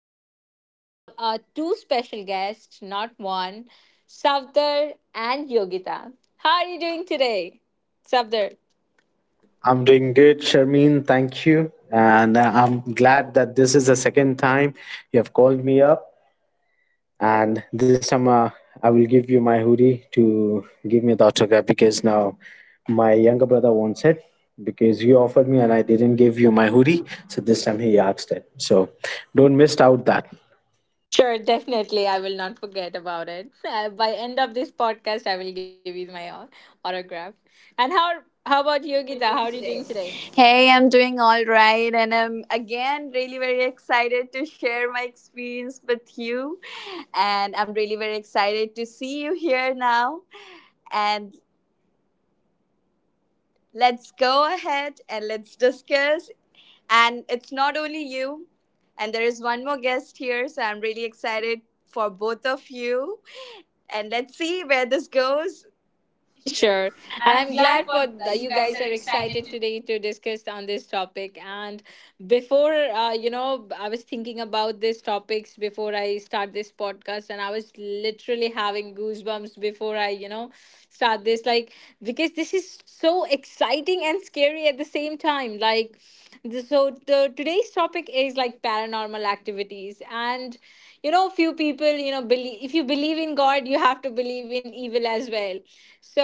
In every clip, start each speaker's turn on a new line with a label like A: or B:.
A: today we have two special guests, not one, Savdar and Yogita. How are you doing today, Savdar?
B: I'm doing good, Sharmeen. Thank you. And I'm glad that this is the second time you have called me up. And this time I will give you my hoodie to give me the autograph because now my younger brother wants it because you offered me and I didn't give you my hoodie. So this time he asked it. So don't miss out that.
A: Sure, definitely. I will not forget about it. By end of this podcast, I will give you my autograph. And how about
C: How are
A: Yogita?
C: you
A: How
C: doing
A: are you
C: today?
A: doing today?
C: Hey, I'm doing all right, and I'm again really very excited to share my experience with you. And I'm really very excited to see you here now. And let's go ahead and let's discuss. And it's not only you, and there is one more guest here, so I'm really excited for both of you. And let's see where this goes. Sure.
A: Sure. And
C: And I'm
A: I'm
C: glad
A: glad for
C: that you
A: you
C: guys
A: guys
C: are
A: are
C: excited
A: excited
C: to.
A: today to discuss on this topic. And before, I was thinking about these topics before I start this podcast, and I was literally having goosebumps before I start this. Like, because this is so exciting and scary at the same time. Like, today's topic is like paranormal activities. And few people believe if you believe in God, you have to believe in evil as well. So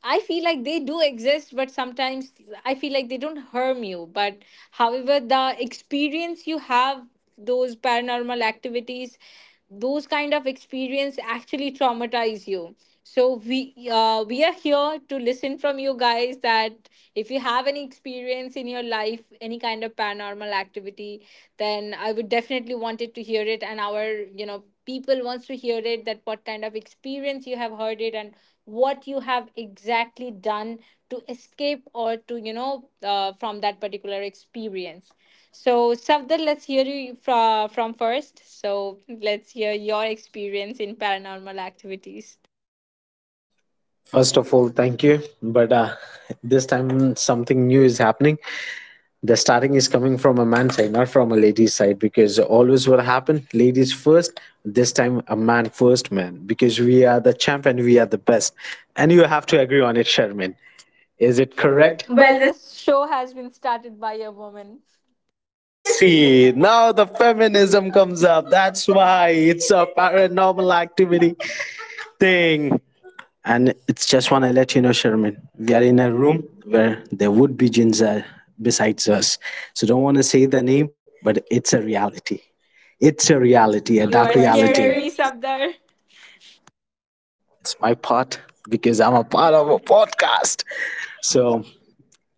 A: I feel like they do exist, but sometimes I feel like they don't harm you, but however, the experience you have, those paranormal activities, those kind of experience actually traumatize you. So we are here to listen from you guys that if you have any experience in your life, any kind of paranormal activity, then I would definitely wanted to hear it. And our, people wants to hear it, that what kind of experience you have heard it, and what you have exactly done to escape or to from that particular experience. So Savdar, let's hear you from first, so let's hear your experience in paranormal activities.
B: First of all, thank you. But This time something new is happening. The starting is coming from a man's side, not from a lady's side, because always what happened, ladies first. This time, a man first, man, because we are the champ and we are the best, and you have to agree on it, Sherman. Is it
A: That's
B: correct?
A: correct. Well,
B: Well,
A: this show has been started by a woman.
B: see, now the feminism comes up. That's why it's a paranormal activity thing. And it's just want to let you know, Sherman, we are in a room where there would be jinns besides us. So don't want to say the name, but it's a reality. It's a
A: Yeah,
B: reality, a
A: you
B: dark
A: are
B: You are reality.
A: scaring me,
B: scaring.
A: Savdar.
B: It's my part because I'm a part of a podcast. So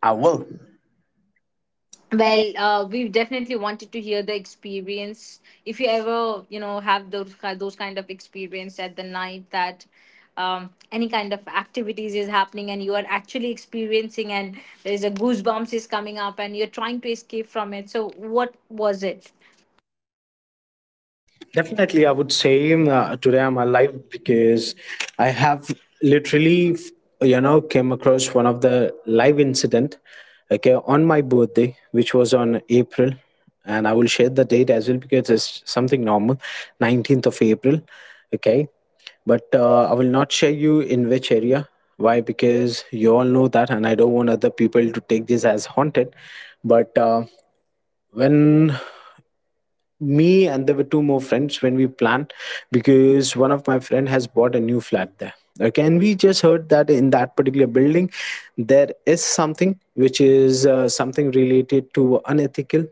B: I will.
A: Well, we've definitely wanted to hear the experience if you ever have those kind of experience at the night, that any kind of activities is happening and you are actually experiencing and there's a goosebumps is coming up and you're trying to escape from it. So what was it?
B: Definitely, I would say today I'm alive because I have literally, you know, came across one of the live incident, okay, on my birthday, which was on April, and I will share the date as well because it's something normal, 19th of April, okay. But I will not share you in which area. Why? Because you all know that, and I don't want other people to take this as haunted. But When me and there were two more friends when we planned because one of my friend has bought a new flat there, okay, and we just heard that in that particular building there is something which is something related to unethical.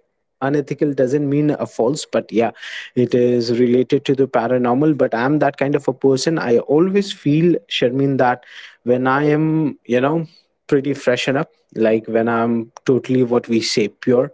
B: Unethical doesn't mean a false, but yeah, it is related to the paranormal. But I'm that kind of a person, I always feel, Sharmin, that when I am, you know, pretty freshen up, like when I'm totally what we say pure,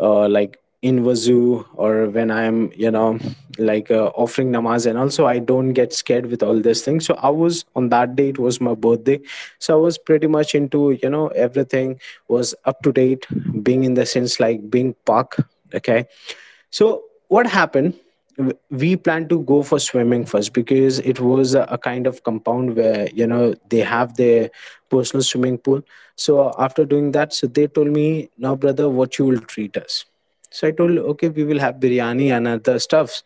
B: like in wazoo, or when I'm, you know, like offering namaz, and also I don't get scared with all these things. So I was on that day, it was my birthday, so I was pretty much into, you know, everything was up to date, being in the sense like being pak, okay. So what happened? We planned to go for swimming first because it was a kind of compound where, you know, they have their personal swimming pool. So after doing that, so they told me, "Now, brother, what you will treat us?" So I told, "Okay, we will have biryani and other stuffs."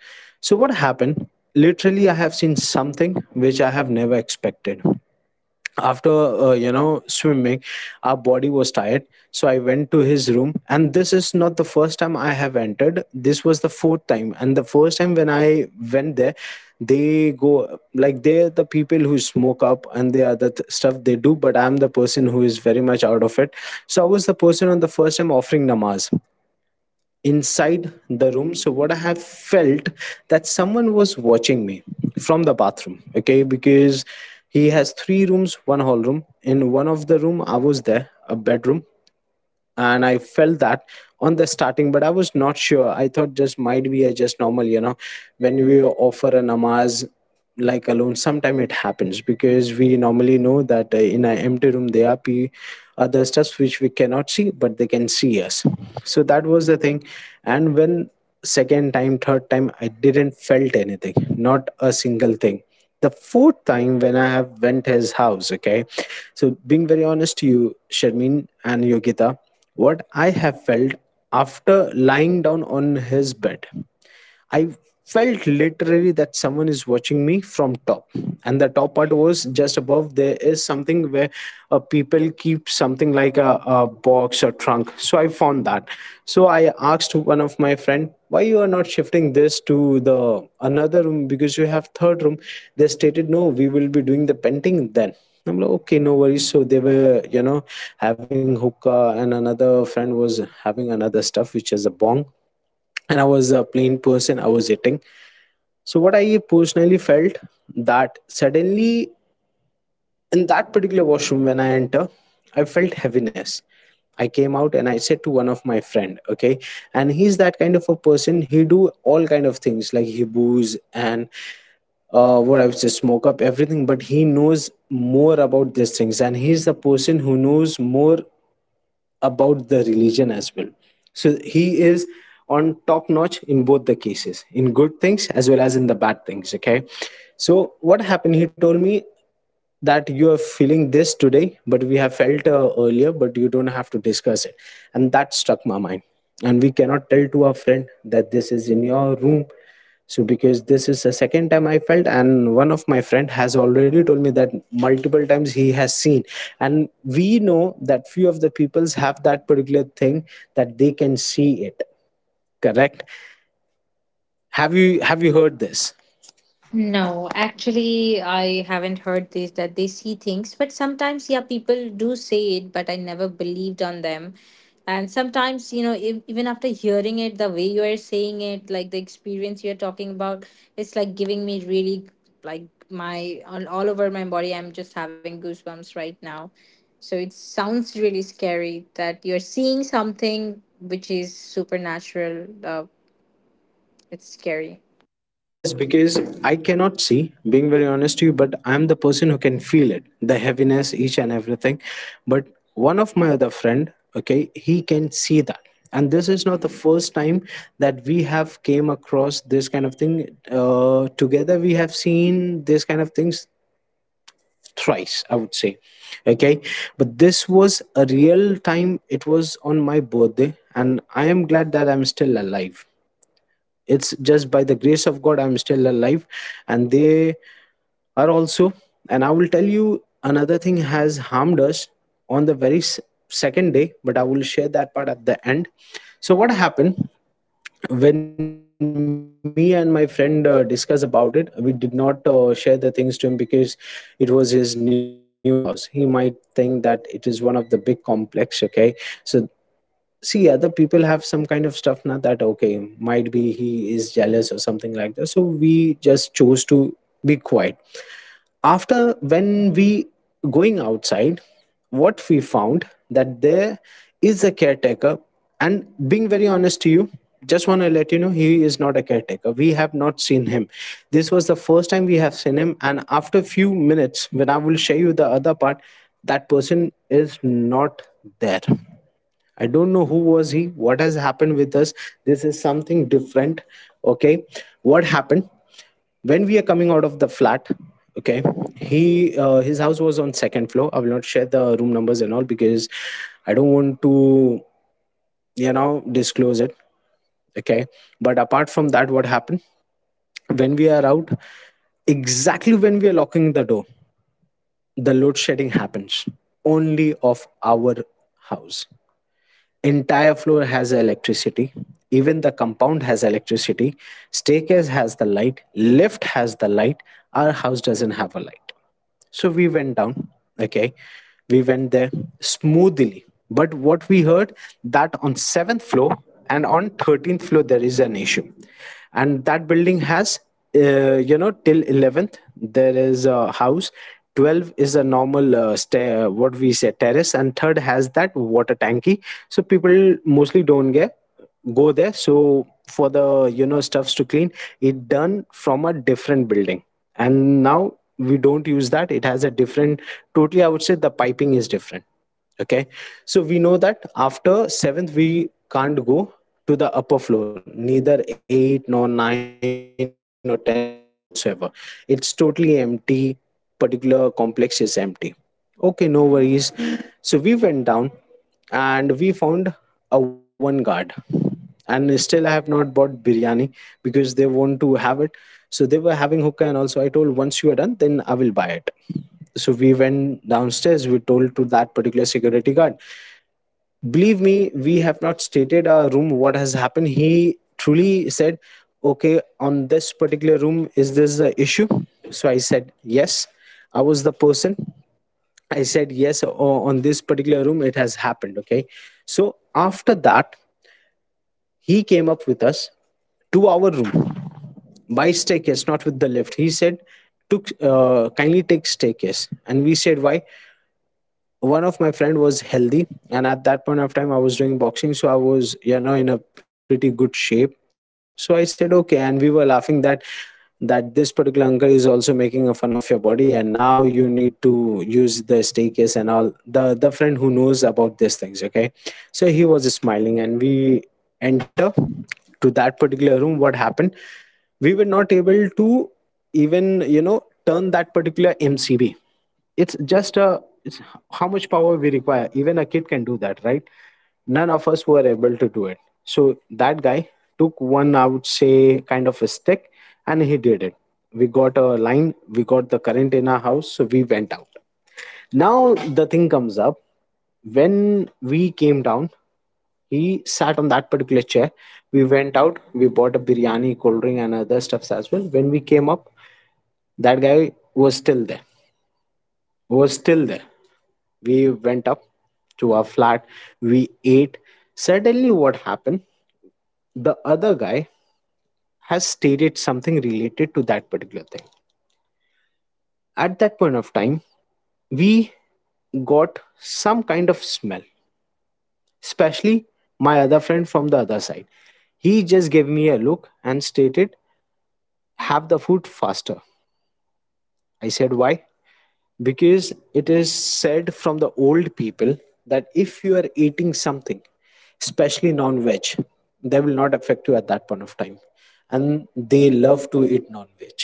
B: So what happened? Literally, I have seen something which I have never expected. After you know, swimming, our body was tired, so I went to his room. And this is not the first time I have entered, this was the fourth time. And the first time when I went there, they go like, they're the people who smoke up and the other stuff they do, but I'm the person who is very much out of it. So I was the person on the first time offering namaz inside the room. So what I have felt that someone was watching me from the bathroom. Okay, because he has three rooms, one hall room. In one of the room, I was there, a bedroom, and I felt that on the starting, but I was not sure, I thought just might be a just normal, you know, when we offer a namaz like alone, sometime it happens, because we normally know that in an empty room there are other stuff which we cannot see, but they can see us. So that was the thing. And when second time, third time, I didn't felt anything, not a single thing. The fourth time when I have went his house, okay, so being very honest to you, Sharmeen and Yogita, what I have felt after lying down on his bed. I felt literally that someone is watching me from top. And the top part was just above. There is something where people keep something like a box or trunk. So I found that. So I asked one of my friend, why you are not shifting this to the another room because you have third room. They stated, no, we will be doing the painting then. I'm like, okay, no worries. So they were, you know, having hookah, and another friend was having another stuff, which is a bong, and I was a plain person, I was eating. So what I personally felt that suddenly in that particular washroom when I enter, I felt heaviness. I came out and I said to one of my friend, okay, and he's that kind of a person. He do all kind of things like he boos and what I would say, smoke up everything, but he knows more about these things, and he's the person who knows more about the religion as well. So he is on top notch in both the cases, in good things as well as in the bad things. Okay. So what happened? He told me that you are feeling this today, but we have felt earlier, but you don't have to discuss it. And that struck my mind. And we cannot tell to our friend that this is in your room. So because this is the second time I felt, and one of my friend has already told me that multiple times he has seen, and we know that few of the peoples have that particular thing that they can see it, correct? Have you heard this?
A: No, actually, I haven't heard this that they see things, but sometimes, yeah, people do say it, but I never believed on them. And sometimes, you know, if, even after hearing it, the way you are saying it, like the experience you're talking about, it's like giving me really like my on all over my body. I'm just having goosebumps right now. So it sounds really scary that you're seeing something which is supernatural. It's scary.
B: Yes, because I cannot see, being very honest to you, but I'm the person who can feel it, the heaviness, each and everything. But one of my other friend, okay, he can see that. And this is not the first time that we have came across this kind of thing. Together, we have seen this kind of things thrice, I would say. Okay, but this was a real time. It was on my birthday, and I am glad that I'm still alive. It's just by the grace of God I'm still alive, and they are also. And I will tell you another thing has harmed us on the very second day, but I will share that part at the end. So what happened, when me and my friend discussed about it, we did not share the things to him because it was his new house, he might think that it is one of the big complex. Okay, so see, other people have some kind of stuff, not that okay, might be he is jealous or something like that. So we just chose to be quiet. After when we going outside, what we found that there is a caretaker. And being very honest to you, just want to let you know, he is not a caretaker, we have not seen him. This was the first time we have seen him, and after few minutes when I will show you the other part, that person is not there. I don't know who was he, what has happened with us. This is something different. Okay. What happened? When we are coming out of the flat, okay, he his house was on second floor. I will not share the room numbers and all because I don't want to, you know, disclose it, okay. But apart from that, what happened, when we are out, exactly when we are locking the door, the load shedding happens only of our house. Entire floor has electricity, even the compound has electricity, staircase has the light, lift has the light, our house doesn't have a light. So we went down, okay, we went there smoothly. But what we heard that on 7th floor and on 13th floor there is an issue. And that building has you know, till 11th there is a house, 12 is a normal stair, what we say terrace, and third has that water tanky. So people mostly don't get go there, so for the, you know, stuffs to clean, it done from a different building, and now we don't use that. It has a different, totally, I would say, the piping is different, okay. So we know that after 7th we can't go to the upper floor, neither 8 nor 9 or 10 whatsoever. It's totally empty, particular complex is empty, okay, no worries. So we went down and we found a one guard. And still I have not bought biryani because they want to have it, so they were having hookah. And also I told, once you are done then I will buy it. So we went downstairs, we told to that particular security guard, believe Me, we have not stated our room what has happened. He truly said, okay, on this particular room, is this the issue? So I said yes. I was the person. I said yes. On this particular room it has happened, okay. So after that he came up with us to our room by staircase, not with the lift. He said, took kindly take staircase. And we said why? One of my friend was healthy, and at that point of time I was doing boxing, so I was, you know, in a pretty good shape. So I said okay, and we were laughing that this particular uncle is also making a fun of your body, and now you need to use the staircase, and all the friend who knows about these things, okay. So he was smiling, and we enter to that particular room. What happened, we were not able to even, you know, turn that particular MCB. It's just a, it's, how much power we require? Even a kid can do that, right? None of us were able to do it. So that guy took one, I would say, kind of a stick, and he did it. We got a line, we got the current in our house, so we went out. Now the thing comes up. When we came down, he sat on that particular chair. We went out, we bought a biryani, cold drink, and other stuffs as well. When we came up, that guy was still there. Was still there. We went up to our flat. We ate. Suddenly, what happened? The other guy has stated something related to that particular thing. At that point of time, we got some kind of smell, especially my other friend from the other side. He just gave me a look and stated, have the food faster. I said, why? Because it is said from the old people that if you are eating something, especially non veg, they will not affect you at that point of time. And they love to eat non veg,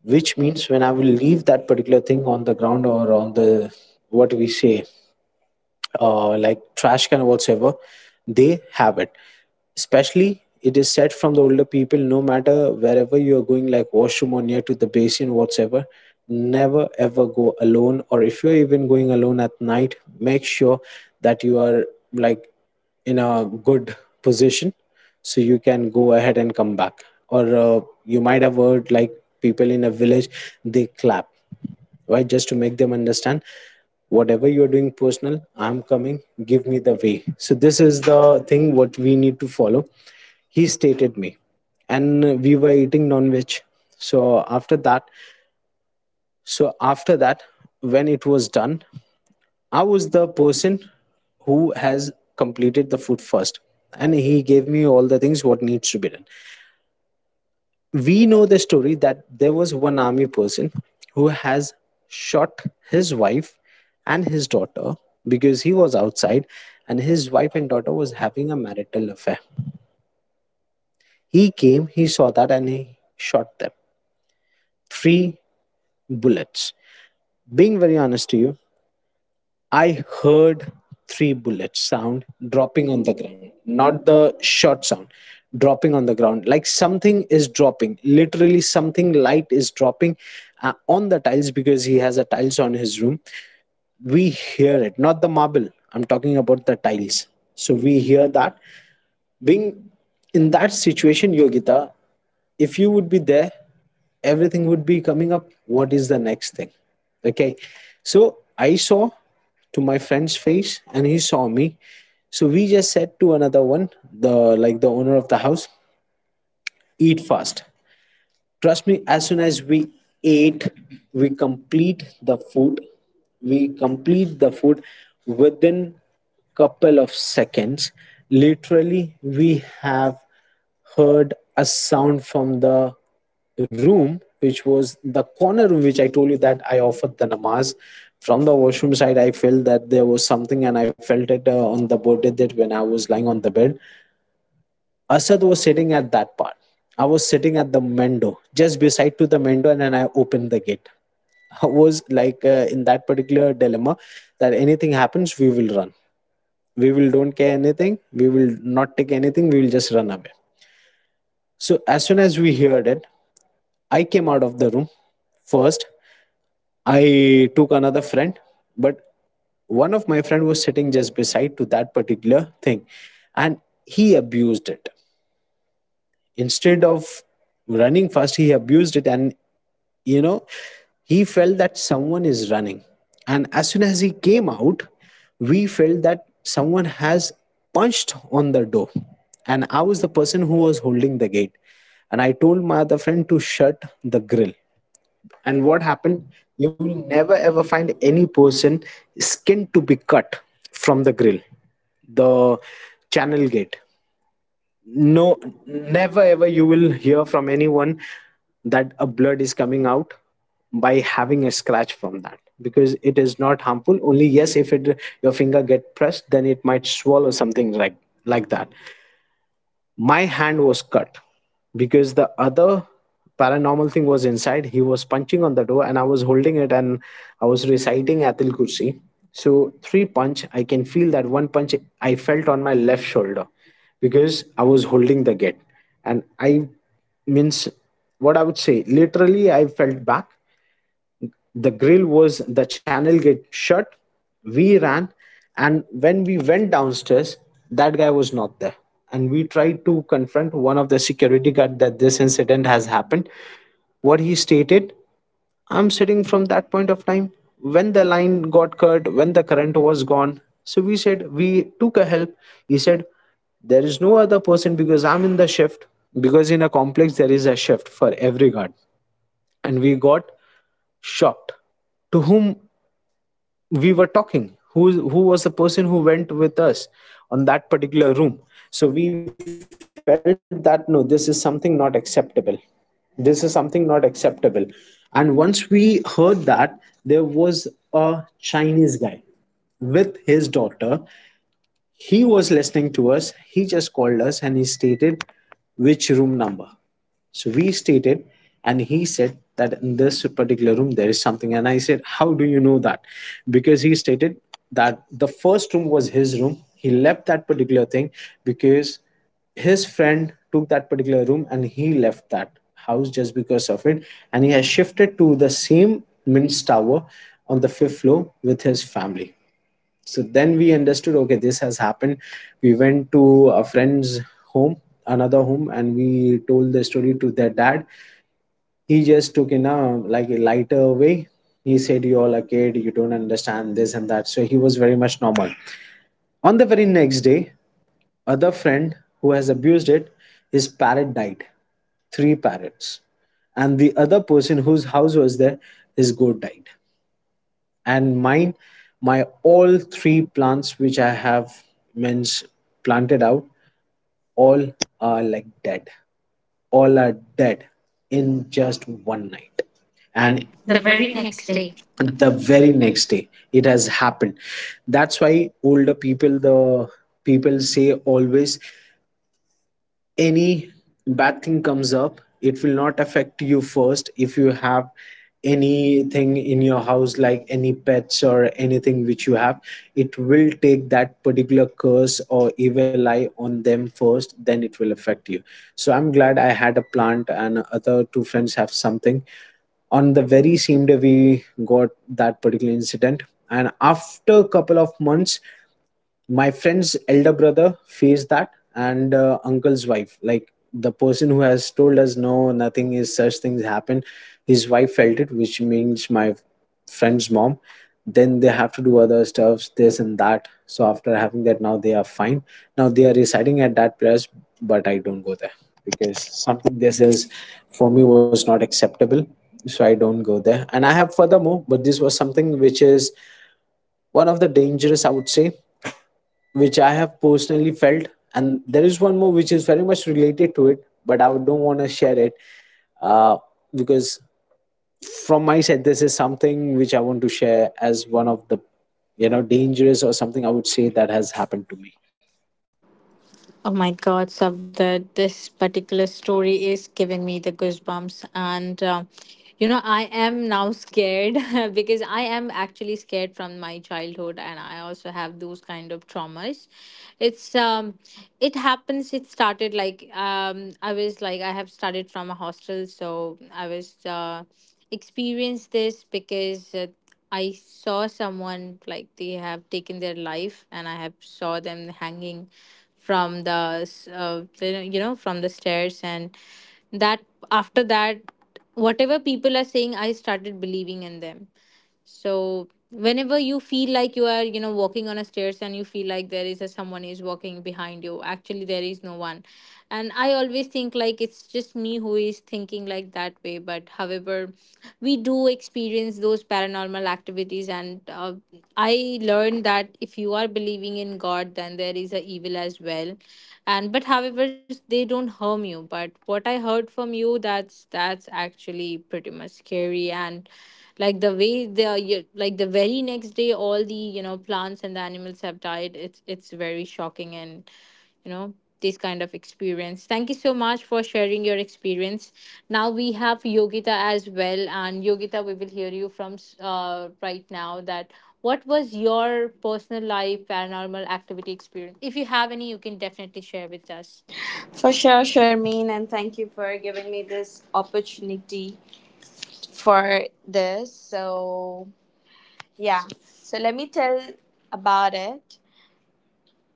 B: which means when I will leave that particular thing on the ground or on the, what we say, like trash can or whatsoever, they have it. Especially, it is said from the older people, no matter wherever you are going, like washroom or near to the basin, whatsoever, never ever go alone. Or if you're even going alone at night, make sure that you are, like, in a good position so you can go ahead and come back. Or you might have heard like people in a village, they clap. Why? Just to make them understand whatever you're doing personal, I'm coming, give me the way. So this is the thing what we need to follow. He stated me, and we were eating non-veg. So after that so after that when it was done, I was the person who has completed the food first, and he gave me all the things what needs to be done. We know the story that there was one army person who has shot his wife and his daughter, because he was outside, and his wife and daughter was having a marital affair. He came, he saw that, and he shot them. Three bullets. Being very honest to you, I heard three bullets sound dropping on the ground, not the shot sound, dropping on the ground. Like something is dropping, literally, something light is dropping on the tiles, because he has a tiles on his room. We hear it, not the marble. I'm talking about the tiles. So we hear that. Being in that situation, Yogita, if you would be there, everything would be coming up, what is the next thing? Okay, so I saw to my friend's face and he saw me. So we just said to another one, the, like the owner of the house, eat fast. Trust me, as soon as we ate, we complete the food we complete the food within couple of seconds. Literally, we have heard a sound from the room which was the corner room which I told you that I offered the namaz. From the washroom side, I felt that there was something, and I felt it on the body. That when I was lying on the bed, Asad was sitting at that part. I was sitting at the mendo, just beside to the mendo, and then I opened the gate. I was like, in that particular dilemma that anything happens, we will run. We will don't care anything. We will not take anything. We will just run away. So as soon as we heard it, I came out of the room. First, I took another friend, but one of my friend was sitting just beside to that particular thing, and he abused it. Instead of running fast, he abused it, and, you know, he felt that someone is running. And as soon as he came out, we felt that someone has punched on the door, and I was the person who was holding the gate, and I told my other friend to shut the grill. And what happened, you will never ever find any person skin to be cut from the grill, the channel gate. No, never ever you will hear from anyone that a blood is coming out by having a scratch from that, because it is not harmful. Only, yes, if it, your finger get pressed, then it might swallow something like that. My hand was cut because the other paranormal thing was inside. He was punching on the door and I was holding it, and I was reciting atil kursi. So three punch I can feel. That one punch I felt on my left shoulder because I was holding the gate, and I, means, what I would say, literally I felt back. The grill was, the channel gate shut. We ran, and when we went downstairs, that guy was not there. And we tried to confront one of the security guard that this incident has happened. What he stated, I'm sitting from that point of time when the line got cut, when the current was gone. So we said we took a help. He said there is no other person because I'm in the shift, because in a complex there is a shift for every guard. And we got shocked, to whom we were talking? Who was the person who went with us on that particular room? So we felt that no, this is something not acceptable. This is something not acceptable. And once we heard that, there was a Chinese guy with his daughter. He was listening to us. He just called us and he stated, which room number? So we stated, and he said that in this particular room there is something. And I said, how do you know that? Because he stated that the first room was his room. He left that particular thing because his friend took that particular room, and he left that house just because of it. And he has shifted to the same Mince Tower on the fifth floor with his family. So then we understood, okay, this has happened. We went to a friend's home, another home, and we told the story to their dad. He just took in a, like, a lighter way. He said, you all a kid, you don't understand this and that. So he was very much normal. On the very next day, other friend who has abused it, his parrot died. Three parrots. And the other person whose house was there, his goat died. And mine, my all three plants which I have, means, planted out, all are like dead. All are dead. In just one night. And
A: And
B: the
A: the
B: very
A: very
B: next
A: next
B: day.
A: day.
B: The
A: The
B: very
A: very
B: next day
A: next.
B: it has happened. That's why older people, the people say always, any bad thing comes up, it will not affect you first. If you have anything in your house like any pets or anything which you have, it will take that particular curse or evil eye on them first, then it will affect you. So I'm glad I had a plant, and other two friends have something, on the very same day we got that particular incident. And after a couple of months, my friend's elder brother faced that, and uncle's wife, like the person who has told us no nothing is such things happen, his wife felt it, which means my friend's mom. Then they have to do other stuffs, this and that, so after having that now they are fine. Now they are residing at that place, but I don't go there, because something, this is, for me was not acceptable. So I don't go there, and I have furthermore, but this was something which is one of the dangerous, I would say, which I have personally felt. And there is one more which is very much related to it, but I don't want to share it, uh, because from my side, this is something which I want to share as one of the, you know, dangerous or something, I would say, that has happened to me.
A: Oh my God, Sabda, this particular story is giving me the goosebumps. And, I am now scared because I am actually scared from my childhood and I also have those kind of traumas. It's, um, it happens, it started like, I was like, I have started from a hostel, so I was, experienced this because I saw someone like they have taken their life, and I have saw them hanging from the s- you know, from the stairs, and that, after that, whatever people are saying, I started believing in them. So whenever you feel like you are walking on a stairs and you feel like there is a someone is walking behind you, actually there is no one. And I always think like it's just me who is thinking like that way, but however, we do experience those paranormal activities. And I learned that if you are believing in God, then there is a evil as well. And but however, they don't harm you, but what I heard from you, that's actually pretty much scary. And like the way they are like the very next day all the plants and the animals have died, it's very shocking. And you know this kind of experience, thank you so much for sharing your experience. Now we have Yogita as well, and Yogita, we will hear you from right now that what was your personal life paranormal activity experience. If you have any, you can definitely share with us.
C: For sure, Sharmeen, and thank you for giving me this opportunity for this. So, yeah, so let me tell about it.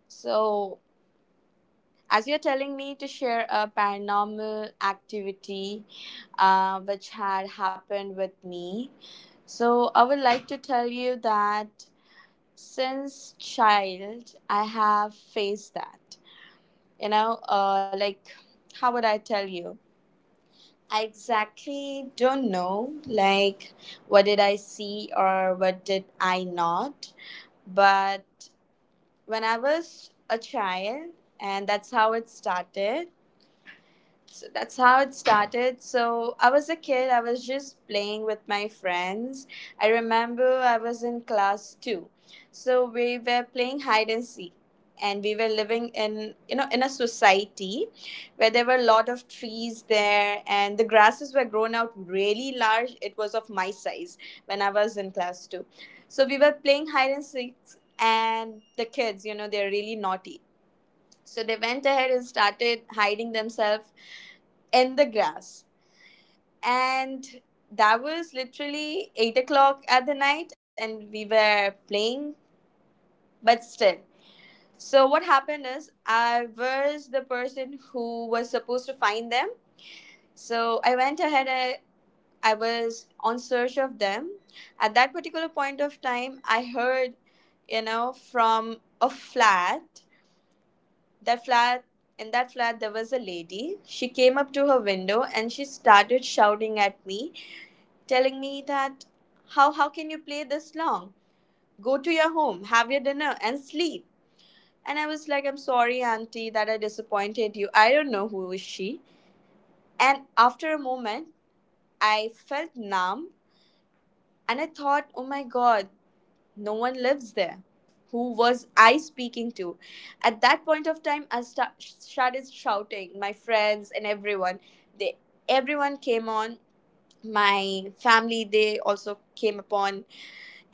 C: So, as you're telling me to share a paranormal activity which had happened with me, so I would like to tell you that since child, I have faced that. You know, like, how would I tell you? I exactly don't know, like, what did I see or what did I not. But when I was a child, and that's how it started. So I was a kid, I was just playing with my friends. I remember I was in class 2. So we were playing hide and seek, and we were living in, you know, in a society where there were a lot of trees there, and the grasses were grown out really large. It was of my size when I was in class 2. So we were playing hide and seek, and the kids, they're really naughty, so they went ahead and started hiding themselves in the grass. And that was literally 8 o'clock at the night, and we were playing, but still. So what happened is, I was the person who was supposed to find them. So I went ahead, and I was on search of them. At that particular point of time, I heard, you know, from a flat that flat in that flat there was a lady. She came up to her window, and she started shouting at me, telling me that, how can you play this long? Go to your home, have your dinner, and sleep. And I was like, I'm sorry, auntie, that I disappointed you. I don't know who is she. And after a moment, I felt numb, and I thought, oh my god, no one lives there. Who was I speaking to? At that point of time, I started shouting my friends and everyone. They, everyone came on. My family, they also came upon,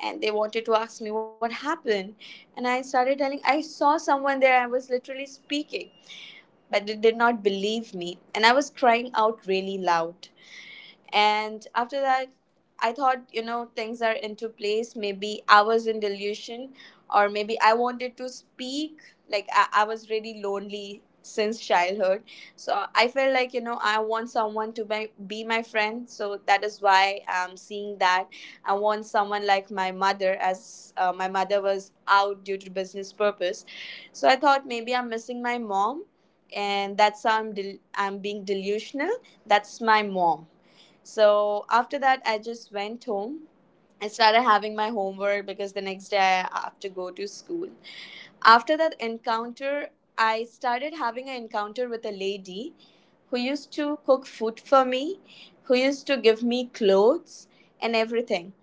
C: and they wanted to ask me what happened. And I started telling I saw someone there. I was literally speaking, but they did not believe me, and I was crying out really loud. And after that, I thought, things are into place. Maybe I was in delusion, or maybe I wanted to speak. Like, I was really lonely since childhood. So I felt like, I want someone to be my friend. So that is why I'm seeing that. I want someone like my mother, as my mother was out due to business purpose. So I thought maybe I'm missing my mom, and that's how I'm being delusional. That's my mom. So after that, I just went home. I started having my homework because the next day I have to go to school. After that encounter, I started having an encounter with a lady who used to cook food for me, who used to give me clothes and everything.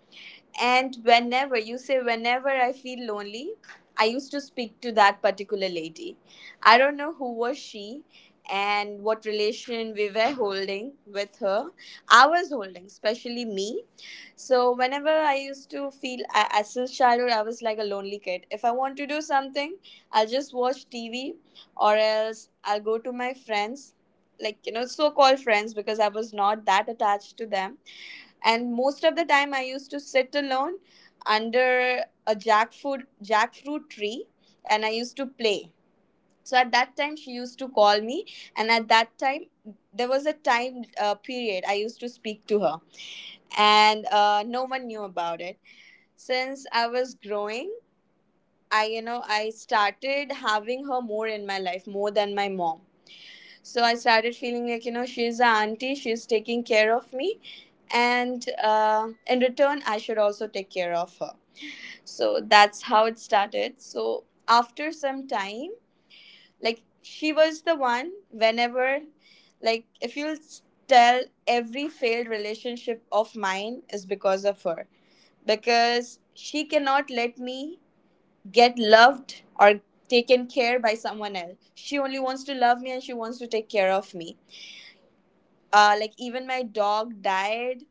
C: And whenever I feel lonely, I used to speak to that particular lady. I don't know who was she and what relation we were holding with her. I was holding, especially me. So whenever I used to feel, I, as a childhood, I was like a lonely kid. If I want to do something, I'll just watch TV, or else I'll go to my friends, like, so called friends, because I was not that attached to them. And most of the time, I used to sit alone under a jackfruit tree, and I used to play. So at that time she used to call me, and at that time there was a time period I used to speak to her. And no one knew about it. Since I was growing, I you know I started having her more in my life more than my mom. So I started feeling like, she's an auntie, she's taking care of me. And in return I should also take care of her. So that's how it started. So after some time, like, she was the one, whenever, like, if you'll tell, every failed relationship of mine is because of her, because she cannot let me get loved or taken care by someone else. She only wants to love me, and she wants to take care of me. Like, even my dog died,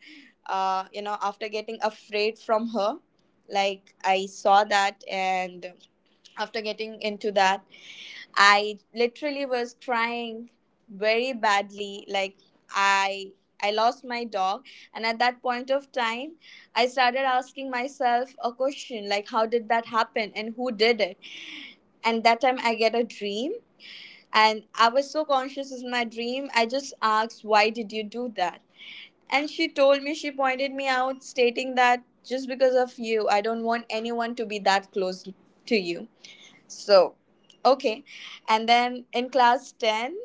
C: after getting afraid from her. Like, I saw that, and after getting into that, I literally was crying very badly. Like, i I lost my dog. And at that point of time, I started asking myself a question, like, how did that happen and who did it. And that time I get a dream, and I was so conscious in my dream, I just asked, why did you do that? And she told me, she pointed me out, stating that just because of you, I don't want anyone to be that close to you. So, okay. And then in class 10,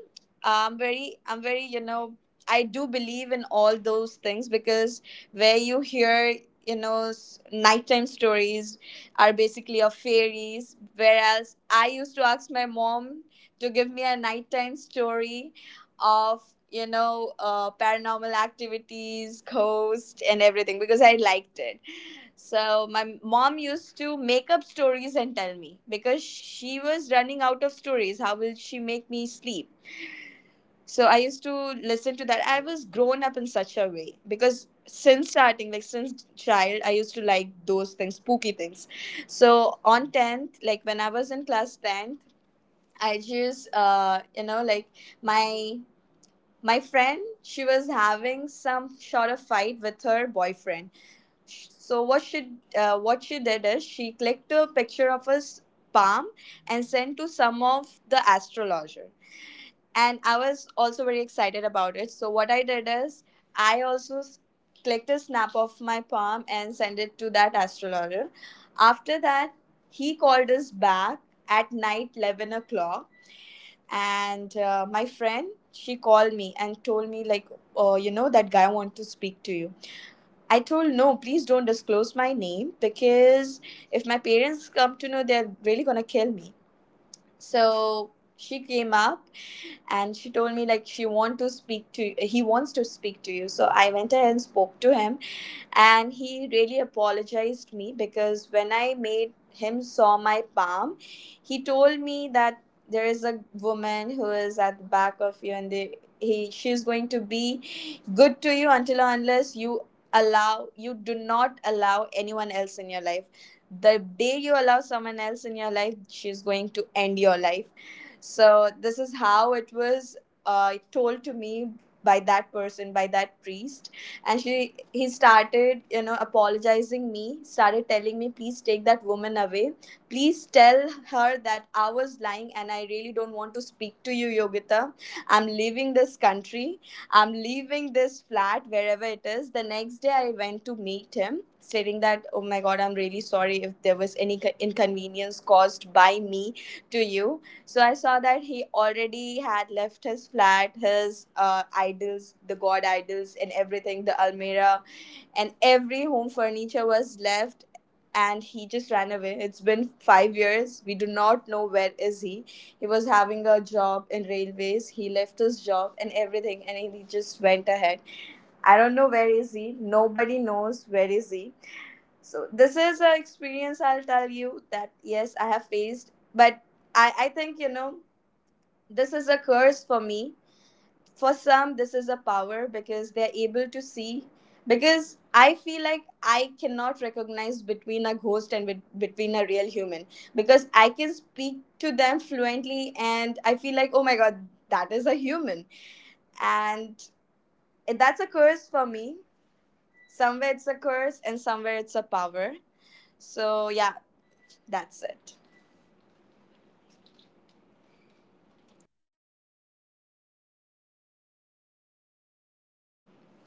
C: I'm very, I do believe in all those things because where you hear, nighttime stories are basically of fairies. Whereas I used to ask my mom to give me a nighttime story of, paranormal activities, ghosts, and everything because I liked it. So my mom used to make up stories and tell me because she was running out of stories. How will she make me sleep? So I used to listen to that. I was grown up in such a way because since starting, like, since child, I used to like those things, spooky things. So on 10th, like when I was in class 10th, I just my my friend, she was having some sort of fight with her boyfriend. So what she did is she clicked a picture of his palm and sent to some of the astrologer. And I was also very excited about it. So what I did is I also clicked a snap of my palm and sent it to that astrologer. After that, he called us back at night 11 o'clock, and my friend, she called me and told me, like, oh, you know that guy want to speak to you. I told, no, please don't disclose my name because if my parents come to know, they're really gonna kill me. So she came up and she told me, like, she want to speak to he wants to speak to you. So I went ahead and spoke to him, and he really apologized me because when I made him saw my palm, he told me that there is a woman who is at the back of you, and they, he she's going to be good to you until or unless you allow you do not allow anyone else in your life. The day you allow someone else in your life, she's going to end your life. So this is how it was told to me by that person, by that priest. And she he started, apologizing me, started telling me, please take that woman away, please tell her that I was lying, and I really don't want to speak to you, Yogita. I'm leaving this country. I'm leaving this flat wherever it is. The next day, I went to meet him, stating that, oh my god, I'm really sorry if there was any inconvenience caused by me to you. So I saw that he already had left his flat, his idols, the god idols, and everything, the Almira, and every home furniture was left. And he just ran away. It's been 5 years. We do not know where is he. He was having a job in railways. He left his job and everything, and he just went ahead. I don't know where is he. Nobody knows where is he. So this is an experience, I'll tell you, that yes, I have faced. But I think, this is a curse for me. For some, this is a power because they're able to see. Because I feel like I cannot recognize between a ghost and between a real human. Because I can speak to them fluently, and I feel like, oh my god, that is a human. And that's a curse for me. Somewhere it's a curse, and somewhere it's a power. So yeah, that's it.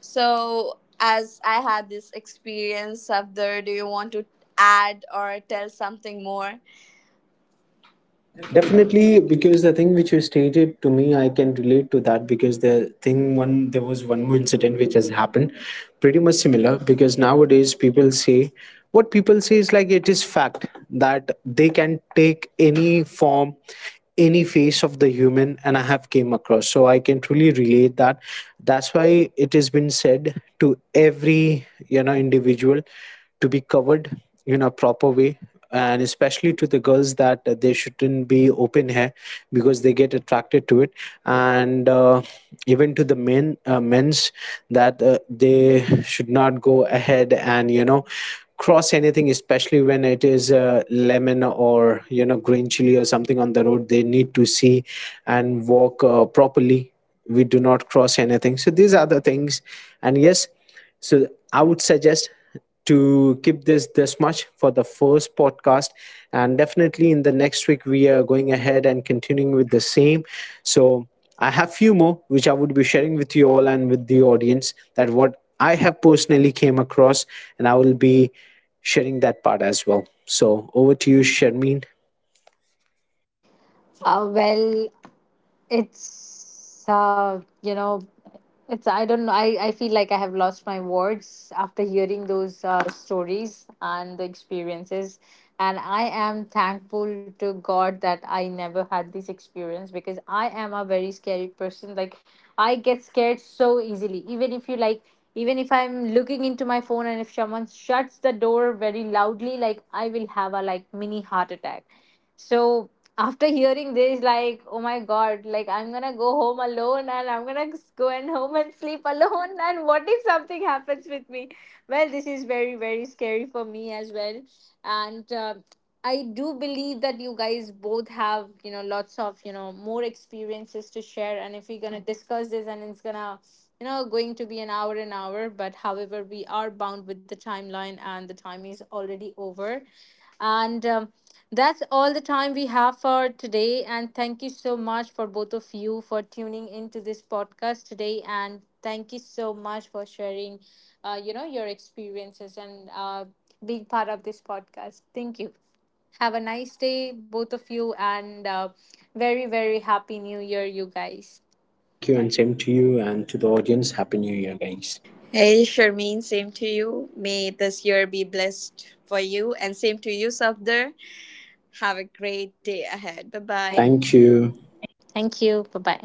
C: So as I had this experience of, do you want to add or tell something more?
B: Definitely, because the thing which you stated to me, I can relate to that, because the thing, one, there was one more incident which has happened, pretty much similar. Because nowadays people say, what people say is like, it is fact that they can take any form, any face of the human, and I have came across. So I can truly relate that. That's why it has been said to every, you know, individual to be covered in a proper way, and especially to the girls, that they shouldn't be open hair, because they get attracted to it. And even to the men, men's, that they should not go ahead and, you know, cross anything, especially when it is lemon or, you know, green chili or something on the road, they need to see and walk properly. We do not cross anything. So these are the things. And yes, so I would suggest to keep this much for the first podcast, and definitely in the next week we are going ahead and continuing with the same. So I have few more which I would be sharing with you all and with the audience, that what I have personally came across, and I will be sharing that part as well. So over to you, Sharmeen.
A: Well, it's you know it's I don't know, I feel like I have lost my words after hearing those stories and the experiences. And I am thankful to God that I never had this experience, because I am a very scary person. Like, I get scared so easily. Even if you like, even if I'm looking into my phone and if someone shuts the door very loudly, like I will have a like mini heart attack. So after hearing this, like, oh my god, like I'm gonna go home alone and I'm gonna go and home and sleep alone. And what if something happens with me? Well, this is very, very scary for me as well. And I do believe that you guys both have, you know, lots of, you know, more experiences to share. And if we're gonna discuss this and it's gonna, you know, going to be an hour, but however, we are bound with the timeline and the time is already over. And that's all the time we have for today. And thank you so much for both of you for tuning into this podcast today. And thank you so much for sharing, your experiences and being part of this podcast. Thank you. Have a nice day, both of you, and very, very happy new year, you guys.
B: Thank you,
A: Thank you.
B: and same to you, and to the audience, happy new year, guys.
C: Hey, Charmaine, same to you. May this year be blessed for you, and same to you, Safdar. Have a great day ahead. Bye
B: Bye.
C: bye.
B: Thank you.
A: Thank you. Bye bye.